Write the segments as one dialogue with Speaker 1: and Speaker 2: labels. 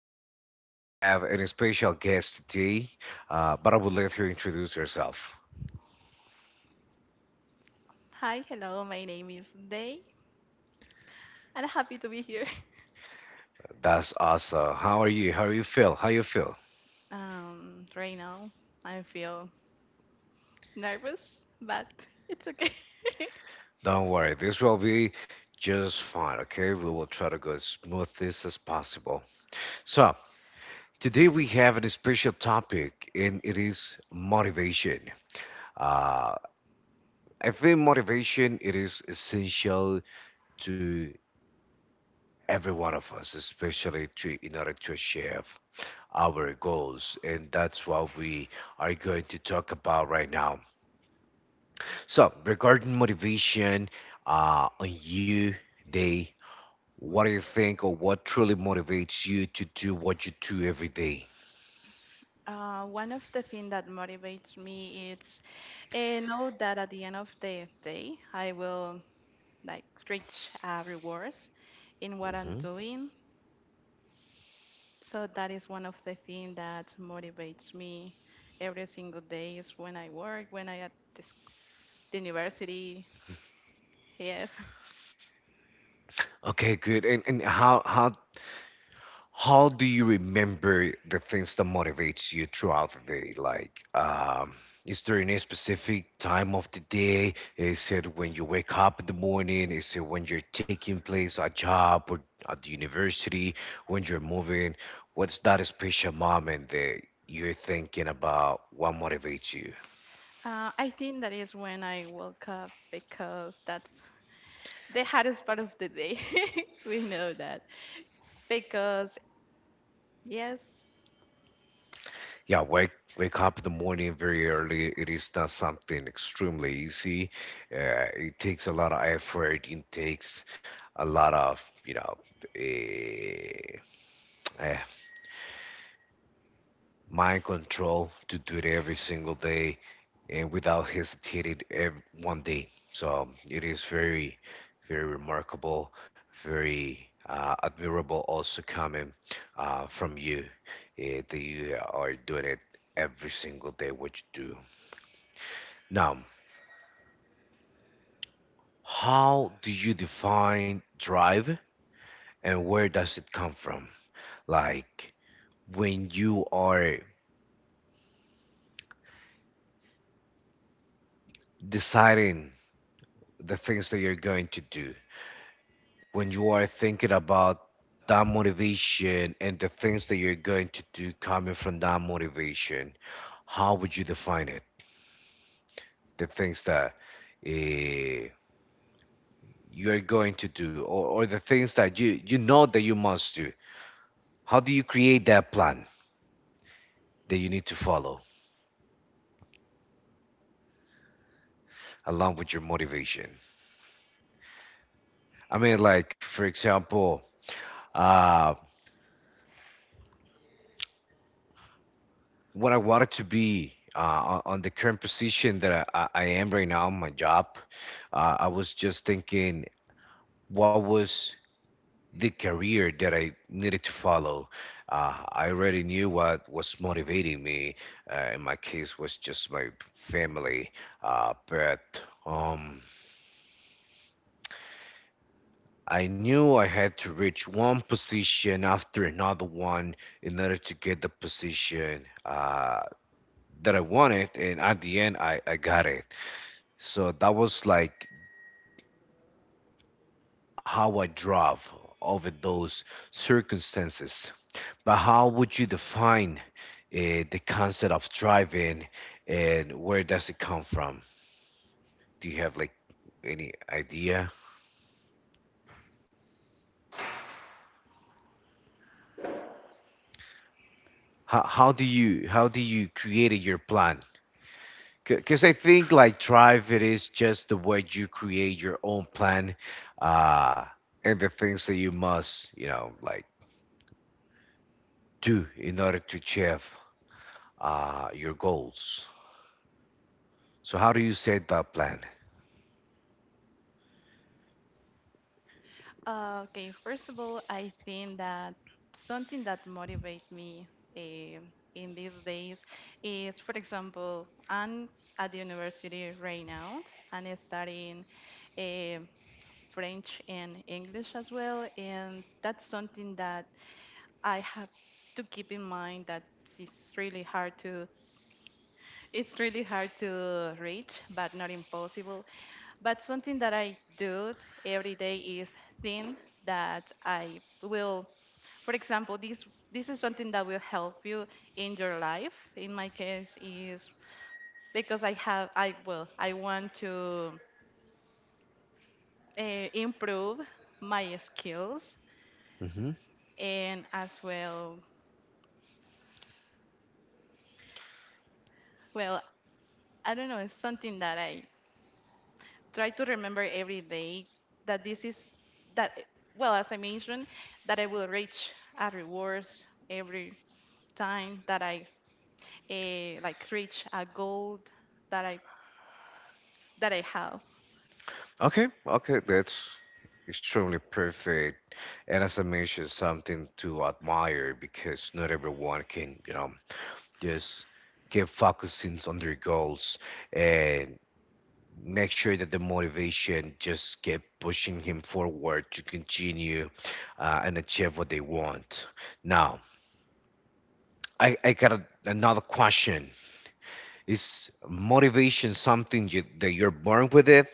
Speaker 1: and today we have an special guest today. But I would let her introduce herself.
Speaker 2: Hi, hello. My name is Day, and I'm happy to be here.
Speaker 1: That's awesome. How are you? How you feel? How you feel?
Speaker 2: Right now, I feel nervous, but it's okay.
Speaker 1: Don't worry, this will be just fine. Okay, we will try to go as smooth this as possible. So today we have a special topic, and it is motivation. Uh, I think motivation it is essential to every one of us, especially to in order to achieve our goals, and that's what we are going to talk about right now. So, regarding motivation, on you, day, what do you think, or what truly motivates you to do what you do every day?
Speaker 2: One of the things that motivates me is know that at the end of the day, I will like reach rewards in what I'm
Speaker 1: Mhm.
Speaker 2: doing. So that is one of the things that motivates me every single day. Is when I work, when I at the, the university. Yes.
Speaker 1: Okay, good. And how How do you remember the things that motivates you throughout the day? Like, is there any specific time of the day? Is it when you wake up in the morning? Is it when you're taking place a job or at the university? When you're moving? What's that special moment that you're thinking about? What motivates you?
Speaker 2: I think that is when I woke up because that's the hardest part of the day. We know that. Because, yes,
Speaker 1: Yeah, wake up in the morning very early. It is not something extremely easy. It takes a lot of effort. It takes a lot of eh, eh, mind control to do it every single day, and without hesitating every, one day. So it is very, very remarkable, very admirable. Also coming from you, that you are doing it every single day. What you do. Now, how do you define drive and where does it come from? Like when you are deciding the things that you're going to do, when you are thinking about that motivation and the things that you're going to do coming from that motivation, how would you define it? The things that eh, you're going to do or the things that you know that you must do. How do you create that plan that you need to follow along with your motivation? I mean, like for example, uh, when I wanted to be on the current position that I am right now, my job, I was just thinking, what was the career that I needed to follow? I already knew what was motivating me. In my case, was just my family, but um, I knew I had to reach one position after another one in order to get the position that I wanted, and at the end, I got it. So that was like how I drove over those circumstances. But how would you define the concept of driving, and where does it come from? Do you have like any idea? How do you create your plan, because I think like drive, it is just the way you create your own plan uh, and the things that you must, you know, like do in order to achieve your goals. So how do you set that plan?
Speaker 2: okay, first of all, I think that something that motivates me um in these days is, for example, I'm at the university right now and I'm studying um French and English as well. And that's something that I have to keep in mind that it's really hard to reach, but not impossible. But something that I do every day is think that I will for example, this is something that will help you in your life. In my case, is because I have I will I want to improve my skills
Speaker 1: Hmm.
Speaker 2: and as well. Well, I don't know. It's something that I try to remember every day that this is that well as I mentioned that I will reach a rewards every time that I like reach a goal that i that I have.
Speaker 1: Okay, okay, that's extremely perfect, and as I mentioned, something to admire because not everyone can, you know, just keep focusing on their goals and make sure that the motivation just keep pushing him forward to continue and achieve what they want. Now, I got a, another question. Is motivation something you, that you're born with it,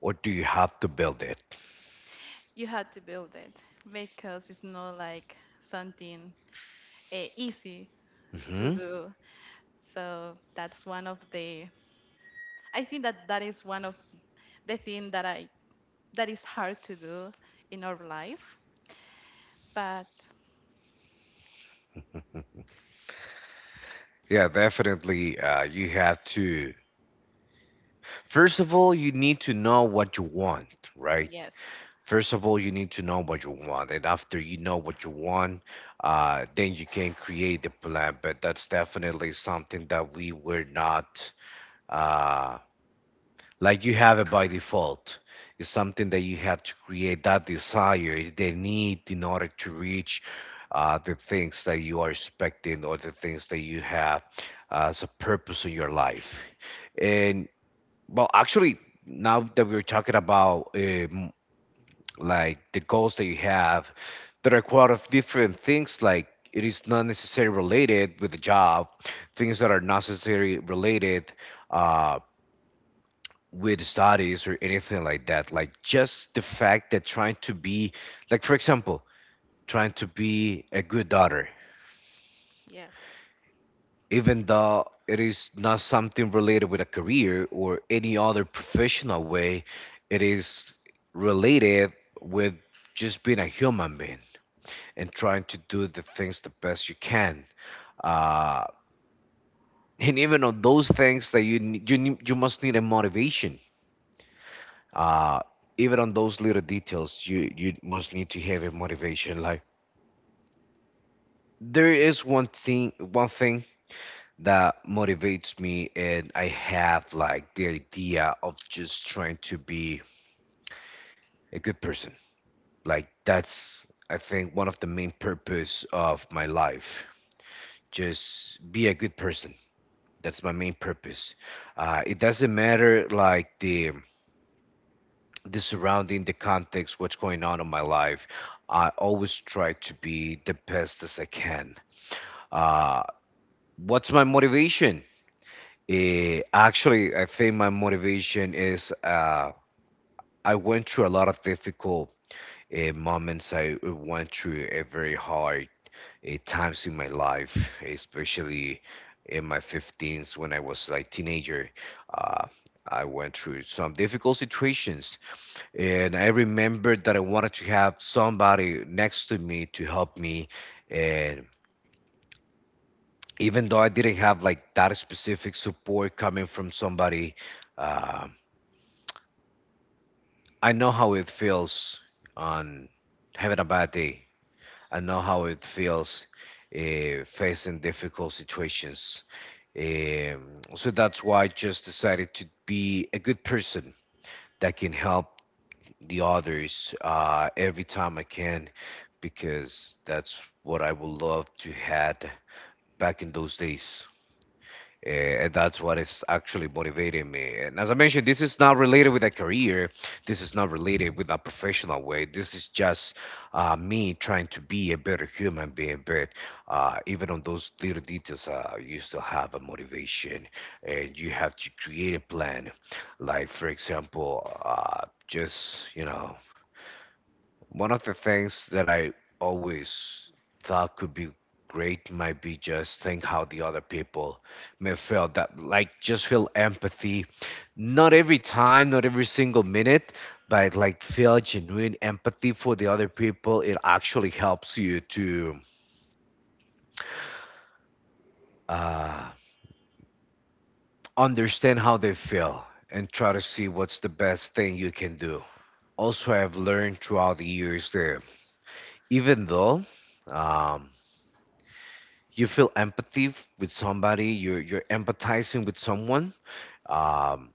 Speaker 1: or do you have to build it?
Speaker 2: You have to build it because it's not like something easy to
Speaker 1: Hmm.
Speaker 2: do. So that's one of the I think that that is one of the thing that I that is hard to do in our life, but
Speaker 1: Yeah, definitely. You have to, first of all, you need to know what you want, right?
Speaker 2: yes,
Speaker 1: First of all, you need to know what you want, and after you know what you want, then you can create the plan. But that's definitely something that we were not uh, like you have it by default. It's something that you have to create that desire, the need in order to reach the things that you are expecting or the things that you have as a purpose in your life. And well, actually, now that we're talking about like the goals that you have that are quite of different things, like it is not necessarily related with the job, things that are not necessarily related uh, with studies or anything like that, like just the fact that trying to be, like for example, trying to be a good daughter,
Speaker 2: yes.
Speaker 1: even though it is not something related with a career or any other professional way, it is related with just being a human being and trying to do the things the best you can. Uh, and even on those things that you must need a motivation. Uh, Even on those little details, you must need to have a motivation. Like there is one thing that motivates me, and I have like the idea of just trying to be a good person. Like that's I think one of the main purpose of my life. Just be a good person. That's my main purpose. It doesn't matter like the surrounding, the context, what's going on in my life. I always try to be the best as I can. Uh, what's my motivation? Actually, I think my motivation is, I went through a lot of difficult moments. I went through a very hard at times in my life, especially in my 15s when I was like teenager. Uh, I went through some difficult situations, and I remembered that I wanted to have somebody next to me to help me. And even though I didn't have like that specific support coming from somebody, uh, I know how it feels on having a bad day. I know how it feels facing difficult situations. So that's why I just decided to be a good person that can help the others every time I can, because that's what I would love to had back in those days, and that's what is actually motivating me. And as I mentioned, this is not related with a career. This is not related with a professional way. This is just me trying to be a better human being. But even on those little details, you still have a motivation, and you have to create a plan. Like for example, just you know one of the things that I always thought could be great might be just think how the other people may feel, that like just feel empathy, not every time, not every single minute, but like feel genuine empathy for the other people. It actually helps you to uh, understand how they feel and try to see what's the best thing you can do. Also, I've learned throughout the years that even though um, you feel empathy with somebody, you're empathizing with someone, um,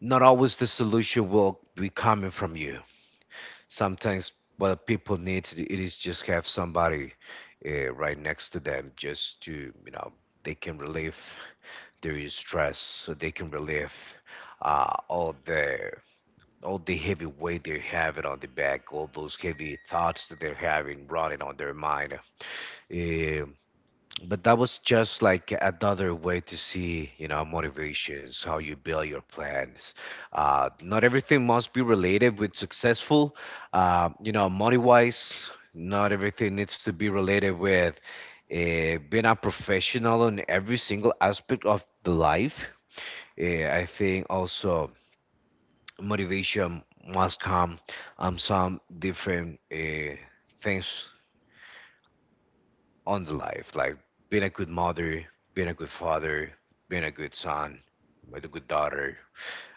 Speaker 1: not always the solution will be coming from you. Sometimes what people need to do it is just have somebody right next to them, just to you know they can relieve their stress, so they can relieve uh, all the all the heavy weight they're having on the back, all those heavy thoughts that they're having running on their mind. Eh, But that was just like another way to see, you know, motivations, how you build your plans. Not everything must be related with successful, you know, money wise. Not everything needs to be related with being a professional in every single aspect of the life. I think also motivation must come some different things on the life, like being a good mother, being a good father, being a good son, with a good daughter,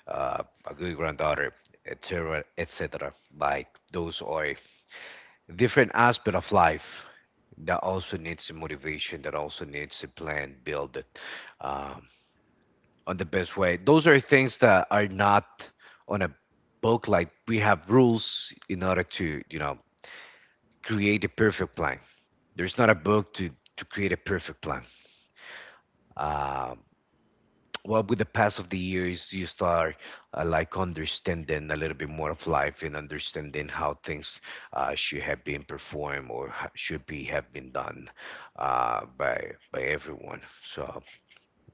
Speaker 1: a good granddaughter, etc., etc. Like those are different aspect of life that also needs a motivation, that also needs a plan, build it um, on the best way. Those are things that are not on a book. Like we have rules in order to, you know, create a perfect plan. There's not a book to create a perfect plan. Um well, with the pass of the years you start like understanding a little bit more of life and understanding how things should have been performed or should be have been done by everyone. So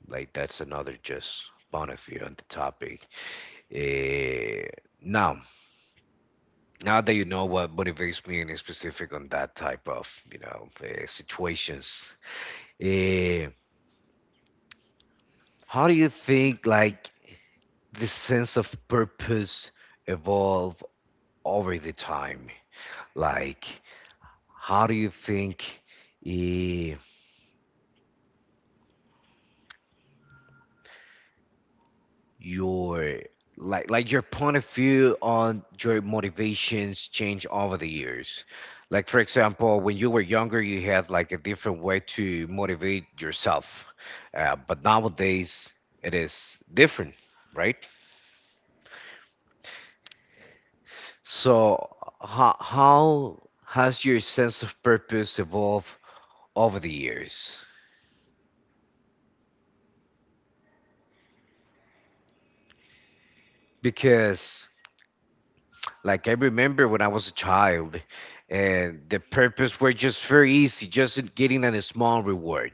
Speaker 1: like that's another just point of view on the topic. Eh, now now that you know what motivates me in specific on that type of you know situations, eh, how do you think like this sense of purpose evolve over the time? Like, how do you think eh, your like your point of view on your motivations change over the years? Like, for example, when you were younger, you had like a different way to motivate yourself, but nowadays it is different, right? So, how has your sense of purpose evolved over the years? Because like, I remember when I was a child and the purpose were just very easy, just getting a small reward,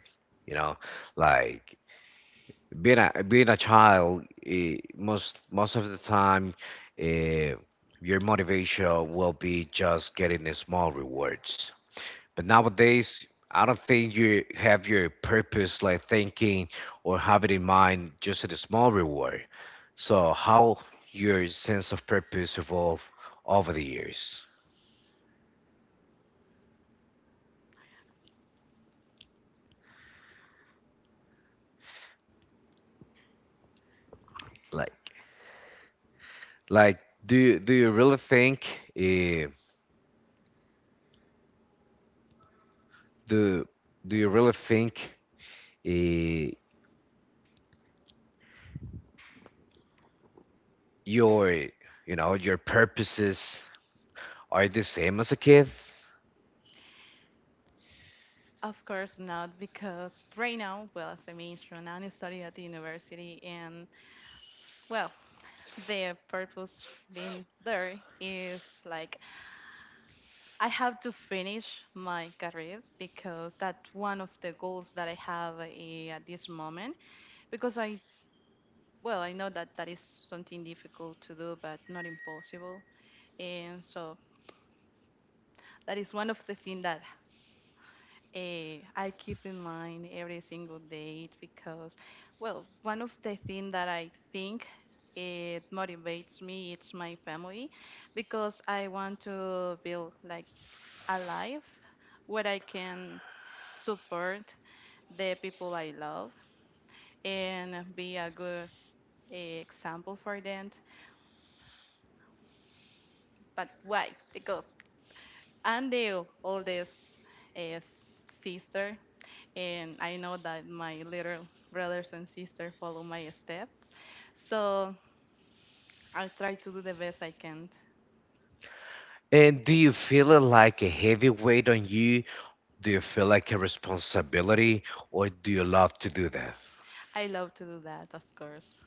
Speaker 1: you know, like being a being a child. Most of the time uh, your motivation will be just getting the small rewards. But nowadays, I don't think you have your purpose like thinking or have it in mind just at a small reward. So how your sense of purpose evolved over the years? Like, Like, do you really think, uh, do do you really think, uh, your, you know, your purposes are the same as a kid?
Speaker 2: Of course not, because right now, well, as I mentioned, I'm studying at the university, and well, the purpose being there is like I have to finish my career because that's one of the goals that I have at this moment. Because I, well, I know that that is something difficult to do, but not impossible, and so that is one of the things that I keep in mind every single date, because, well, one of the things that I think it motivates me it's my family, because I want to build like a life where I can support the people I love and be a good example for them. But why? Because I'm the oldest uh, sister, and I know that my little brothers and sisters follow my steps. So I try to do the best I can.
Speaker 1: And do you feel it like a heavy weight on you? Do you feel like a responsibility, or do you love to do that?
Speaker 2: I love to do that, of course.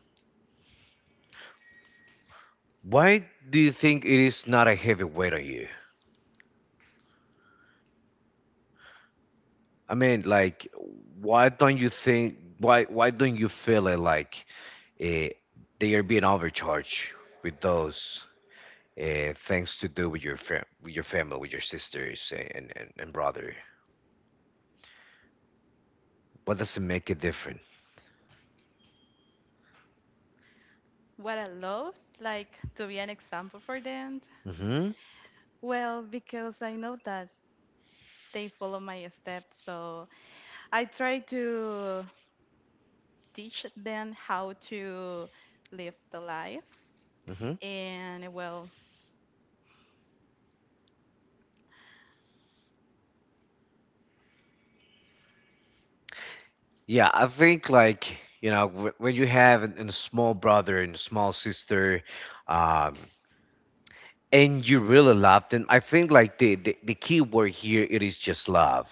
Speaker 1: Why do you think it is not a heavy weight on you? I mean, like, why don't you think, why don't you feel it like, eh, they are being overcharged with those things to do with your with your family, with your sisters, and brother? What does it make it different?
Speaker 2: What I love, like to be an example for them,
Speaker 1: Hmm,
Speaker 2: well, because I know that they follow my steps, so I try to teach them how to live the life.
Speaker 1: hmm.
Speaker 2: And well,
Speaker 1: Yeah, I think like, you know, when you have an small brother and a small sister, um, and you really love them, I think like the key word here it is just love,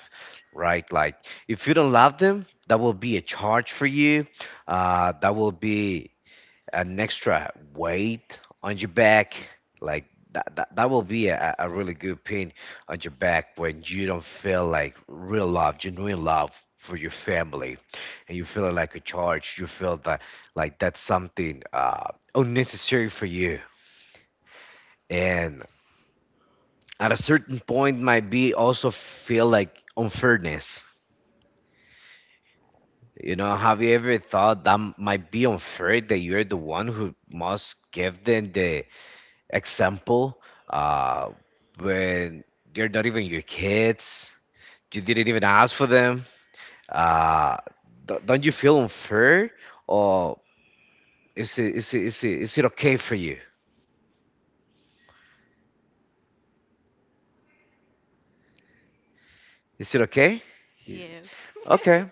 Speaker 1: right? Like if you don't love them, that will be a charge for you, that will be an extra weight on your back, like that will be a really good pain on your back when you don't feel like real love, genuine love for your family, and you feel like a charge, you feel that like that's something unnecessary for you, and at a certain point might be also feel like unfairness. You know, have you ever thought that might be unfair that you're the one who must give them the example, uh, when they're not even your kids? You didn't even ask for them. Uh, don't you feel unfair, or is it okay for you? Is it okay? Y-
Speaker 2: yes.
Speaker 1: Okay.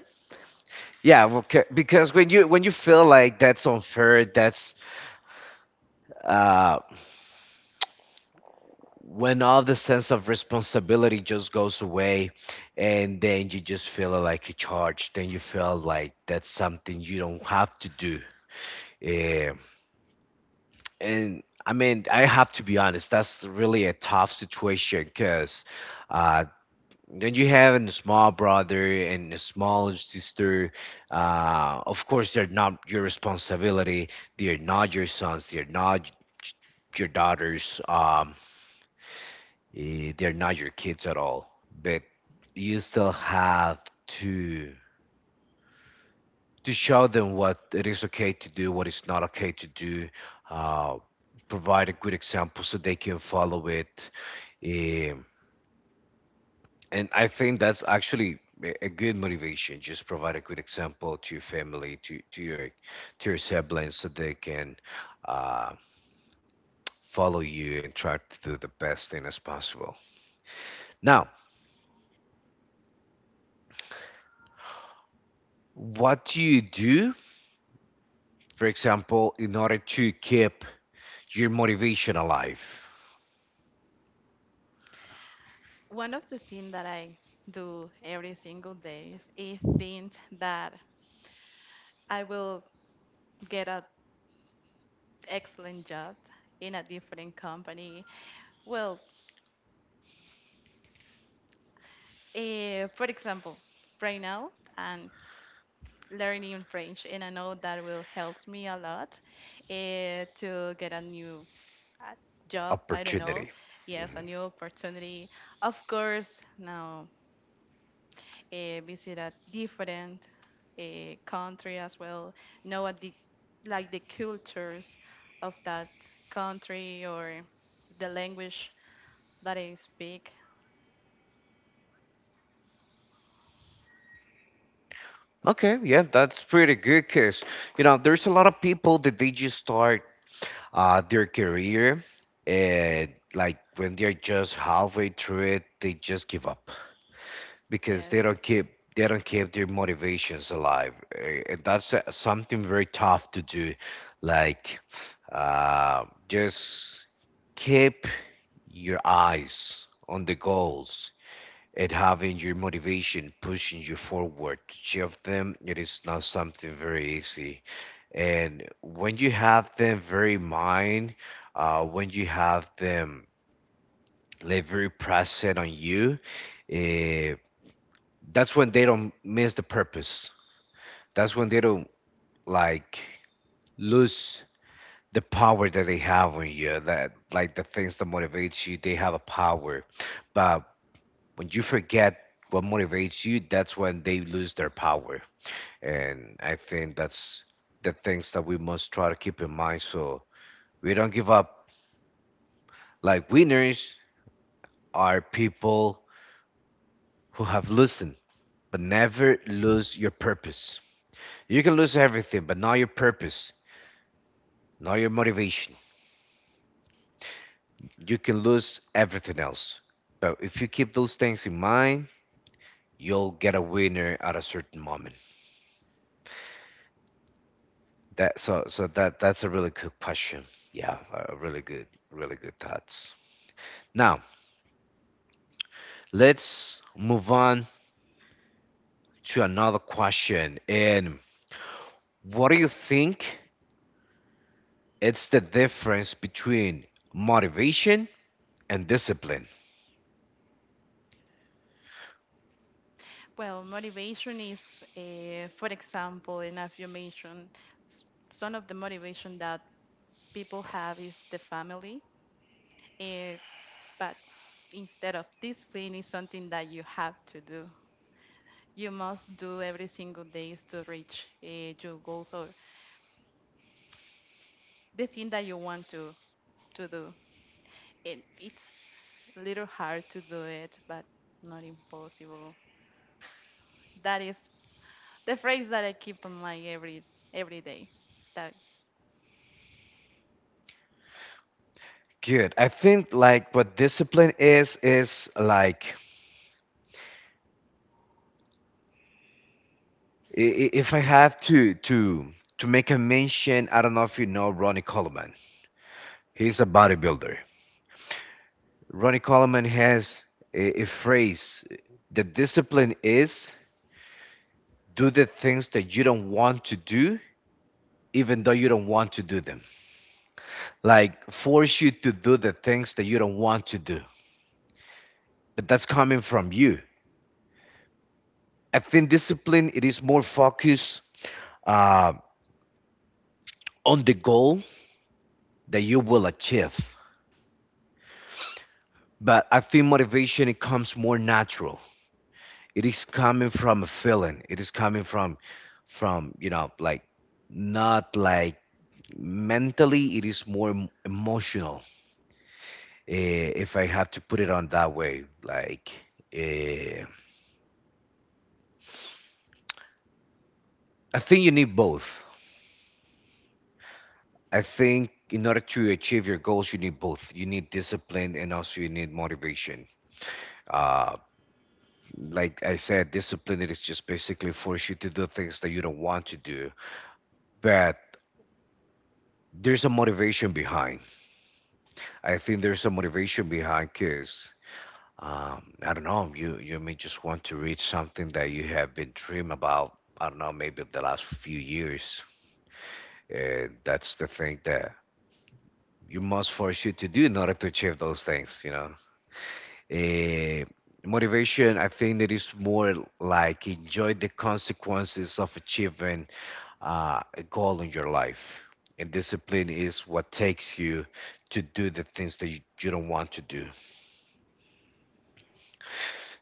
Speaker 1: Yeah, well, because when you, when you feel like that's unfair, that's uh when all the sense of responsibility just goes away, and then you just feel like a charge, then you feel like that's something you don't have to do, yeah. And I mean, I have to be honest, that's really a tough situation, because uh then you have a small brother and a small sister. Of course, they're not your responsibility. They're not your sons. They're not your daughters. They're not your kids at all, but you still have to show them what it is okay to do, what is not okay to do, uh, provide a good example so they can follow it. Um, and I think that's actually a good motivation. Just provide a good example to your family, to your siblings, so they can uh, follow you and try to do the best thing as possible. Now, what do you do, for example, in order to keep your motivation alive?
Speaker 2: One of the things that I do every single day is think that I will get an excellent job in a different company. Well, for example, right now I'm learning French, and I know that will help me a lot to get a new uh, job. I don't know,
Speaker 1: Opportunity.
Speaker 2: yes, a new opportunity. Of course, now visit a different country as well, know what the like the cultures of that country or the language that I speak.
Speaker 1: Okay, yeah, that's pretty good, because, you know, there's a lot of people that they just start their career, and like when they're just halfway through it, they just give up, because
Speaker 2: Yes.
Speaker 1: they don't keep their motivations alive. And that's something very tough to do, like just keep your eyes on the goals, and having your motivation pushing you forward to achieve them, it is not something very easy. And when you have them very in mind, when you have them like very present on you, eh, that's when they don't miss the purpose. That's when they don't like lose the power that they have on you. That like the things that motivate you, they have a power. But when you forget what motivates you, that's when they lose their power.
Speaker 2: Mm.
Speaker 1: And I think that's the things that we must try to keep in mind, so we don't give up. Like winners are people who have listened, but never lose your purpose. You can lose everything, but not your purpose. Not your motivation. You can lose everything else. But if you keep those things in mind, you'll get a winner at a certain moment. That's a really good question. Yeah, a really good, really good thoughts. Now, let's move on to another question. And what do you think it's the difference between motivation and discipline?
Speaker 2: Well, motivation is, for example, in affirmation, s- some of the motivation that people have is the family, uh, but instead of discipline is something that you have to do. You must do every single days to reach your goals or the thing that you want to do, and it's a little hard to do it but not impossible. That is the phrase that I keep in mind every day. That
Speaker 1: Good. I think like what discipline is like, if I have to to make a mention, I don't know if you know Ronnie Coleman. He's a bodybuilder. Ronnie Coleman has a phrase: "The discipline is do the things that you don't want to do, even though you don't want to do them. Like force you to do the things that you don't want to do, but that's coming from you. I think discipline it is more focused uh, on the goal that you will achieve." But I think motivation, it comes more natural, it is coming from a feeling, it is coming from you know, like not like mentally, it is more emotional. If I have to put it on that way, like, eh, I think you need both. I think in order to achieve your goals, you need both. You need discipline and also you need motivation. uh, like I said, discipline it is just basically force you to do things that you don't want to do, but there's a motivation behind. I think there's a motivation behind because, I don't know, you may just want to reach something that you have been dream about. I don't know, maybe the last few years, and that's the thing that you must force you to do in order to achieve those things. You know, Eh, motivation, I think it is more like enjoy the consequences of achieving a goal in your life, and discipline is what takes you to do the things that you don't want to do.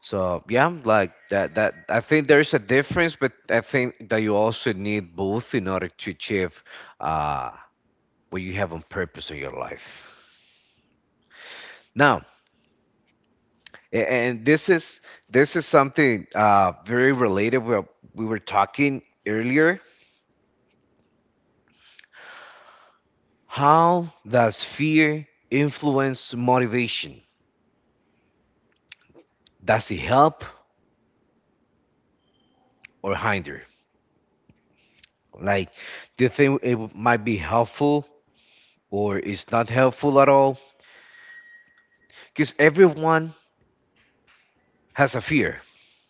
Speaker 1: So yeah, like that I think there is a difference, but I think that you also need both in order to achieve uh, what you have on purpose in your life. Now, and this is something very related. We were talking earlier. How does fear influence motivation? Does it help or hinder? Like, do you think it might be helpful, or it's not helpful at all? Because everyone has a fear,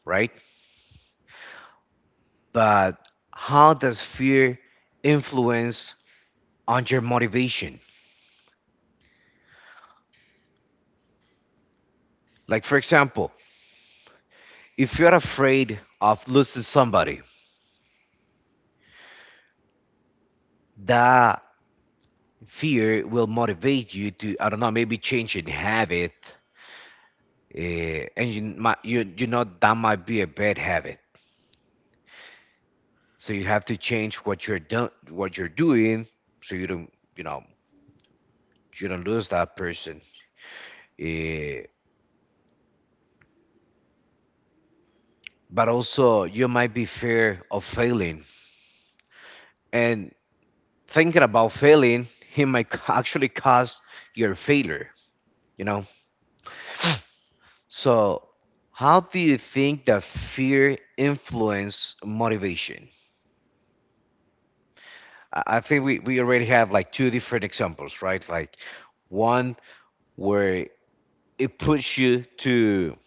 Speaker 1: right? But how does fear influence on your motivation? Like, for example, if you're afraid of losing somebody, that fear will motivate you to, I don't know, maybe change a habit, and you might, you know, that might be a bad habit. So you have to change what you're done, what you're doing, so you don't, you know, you don't lose that person. Eh, but also, you might be fear of failing, and thinking about failing, it might actually cause your failure, you know? So, how do you think that fear influence motivation? I think we already have like two different examples, right? Like one where it puts you to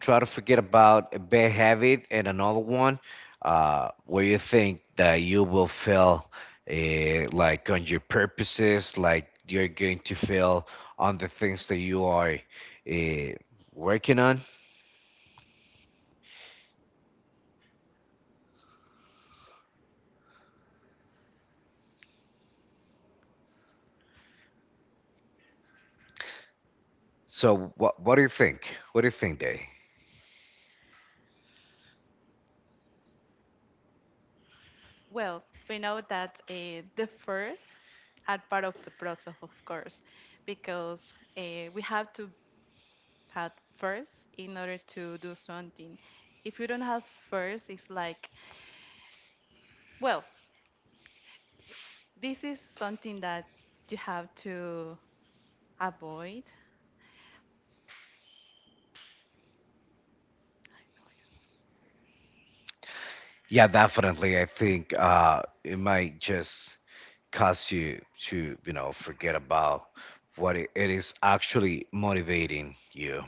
Speaker 1: try to forget about a bad habit, and another one where you think that you will fail like on your purposes, like you're going to fail on the things that you are uh, working on. So what do you think, what do you think, Dave?
Speaker 2: well, we know that the first are part of the process, of course, because we have to have first in order to do something. If you don't have first it's like well, this is something that you have to avoid.
Speaker 1: Yeah, definitely. I think, it might just cause you to, you know, forget about what it is actually motivating you.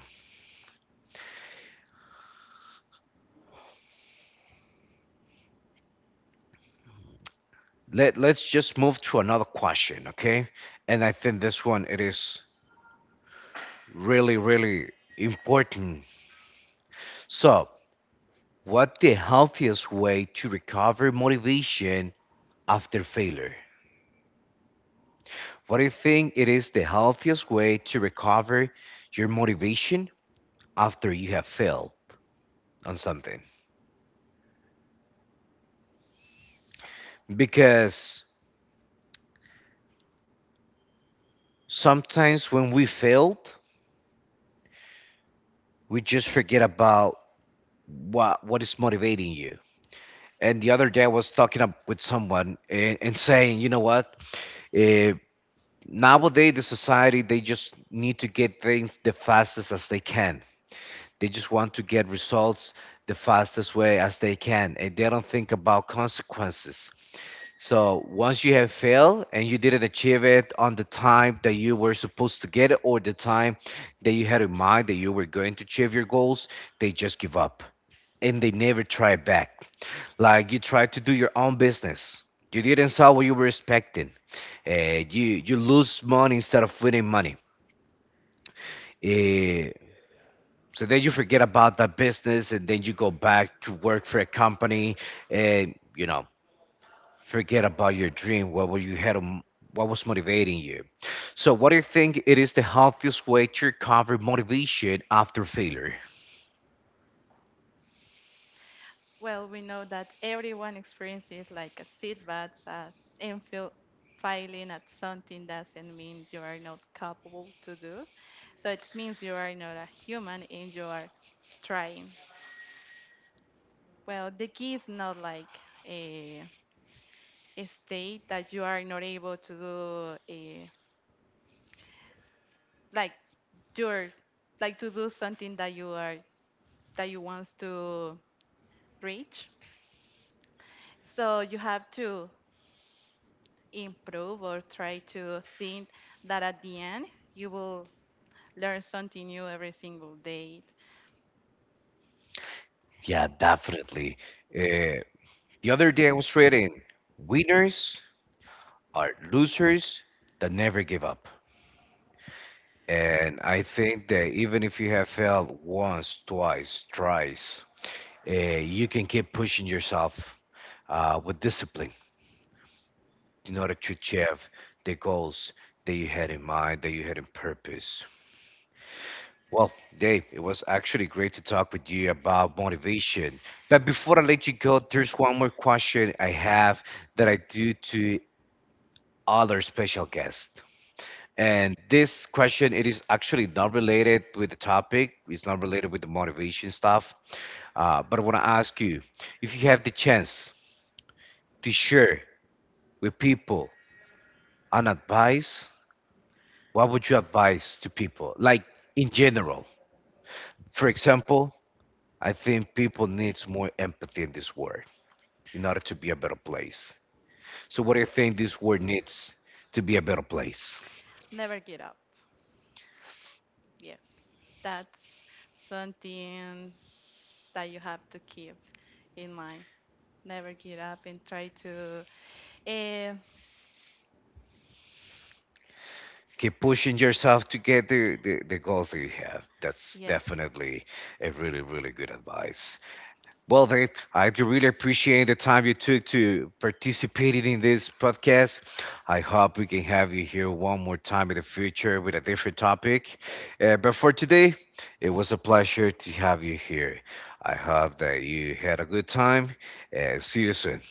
Speaker 1: Let let's just move to another question, okay? And I think this one it is really really important. So, what the healthiest way to recover motivation after failure? What do you think it is the healthiest way to recover your motivation after you have failed on something? Because sometimes when we failed, we just forget about what is motivating you. And the other day I was talking up with someone and saying, you know what, uh, nowadays the society, they just need to get things the fastest as they can. They just want to get results the fastest way as they can, and they don't think about consequences. So once you have failed and you didn't achieve it on the time that you were supposed to get it, or the time that you had in mind that you were going to achieve your goals, they just give up and they never try back. Like you try to do your own business, you didn't sell what you were expecting. You lose money instead of winning money. Eh, so then you forget about that business, and then you go back to work for a company, and you know, forget about your dream. What were you had? What was motivating you? So, what do you think it is the healthiest way to recover motivation after failure?
Speaker 2: Well, we know that everyone experiences like a setback as and feel failing at something doesn't mean you are not capable to do. So it means you are not a human and you are trying. Well, the key is not like a, a state that you are not able to do a like you're like to do something that you are that you want to reach. So you have to improve or try to think that at the end you will learn something new every single day.
Speaker 1: Yeah, definitely. Uh, the other day I was reading, winners are losers that never give up. And I think that even if you have failed once, twice, thrice, you can keep pushing yourself with discipline in order to achieve the goals that you had in mind, that you had in purpose. Well, Dave, it was actually great to talk with you about motivation. But before I let you go, there's one more question I have that I do to all our special guests. And this question, it is actually not related with the topic. It's not related with the motivation stuff. But I want to ask you, if you have the chance to share with people an advice, what would you advise to people? Like in general, for example, I think people needs more empathy in this world in order to be a better place. So what do you think this world needs to be a better place?
Speaker 2: Never give up. Yes, that's something that you have to keep in mind. Never give up and try to. Uh,
Speaker 1: Keep pushing yourself to get the goals that you have. That's
Speaker 2: yes.
Speaker 1: definitely a really, really good advice. Well, Dave, I do really appreciate the time you took to participate in this podcast. I hope we can have you here one more time in the future with a different topic. But for today, it was a pleasure to have you here. I hope that you had a good time. See you soon.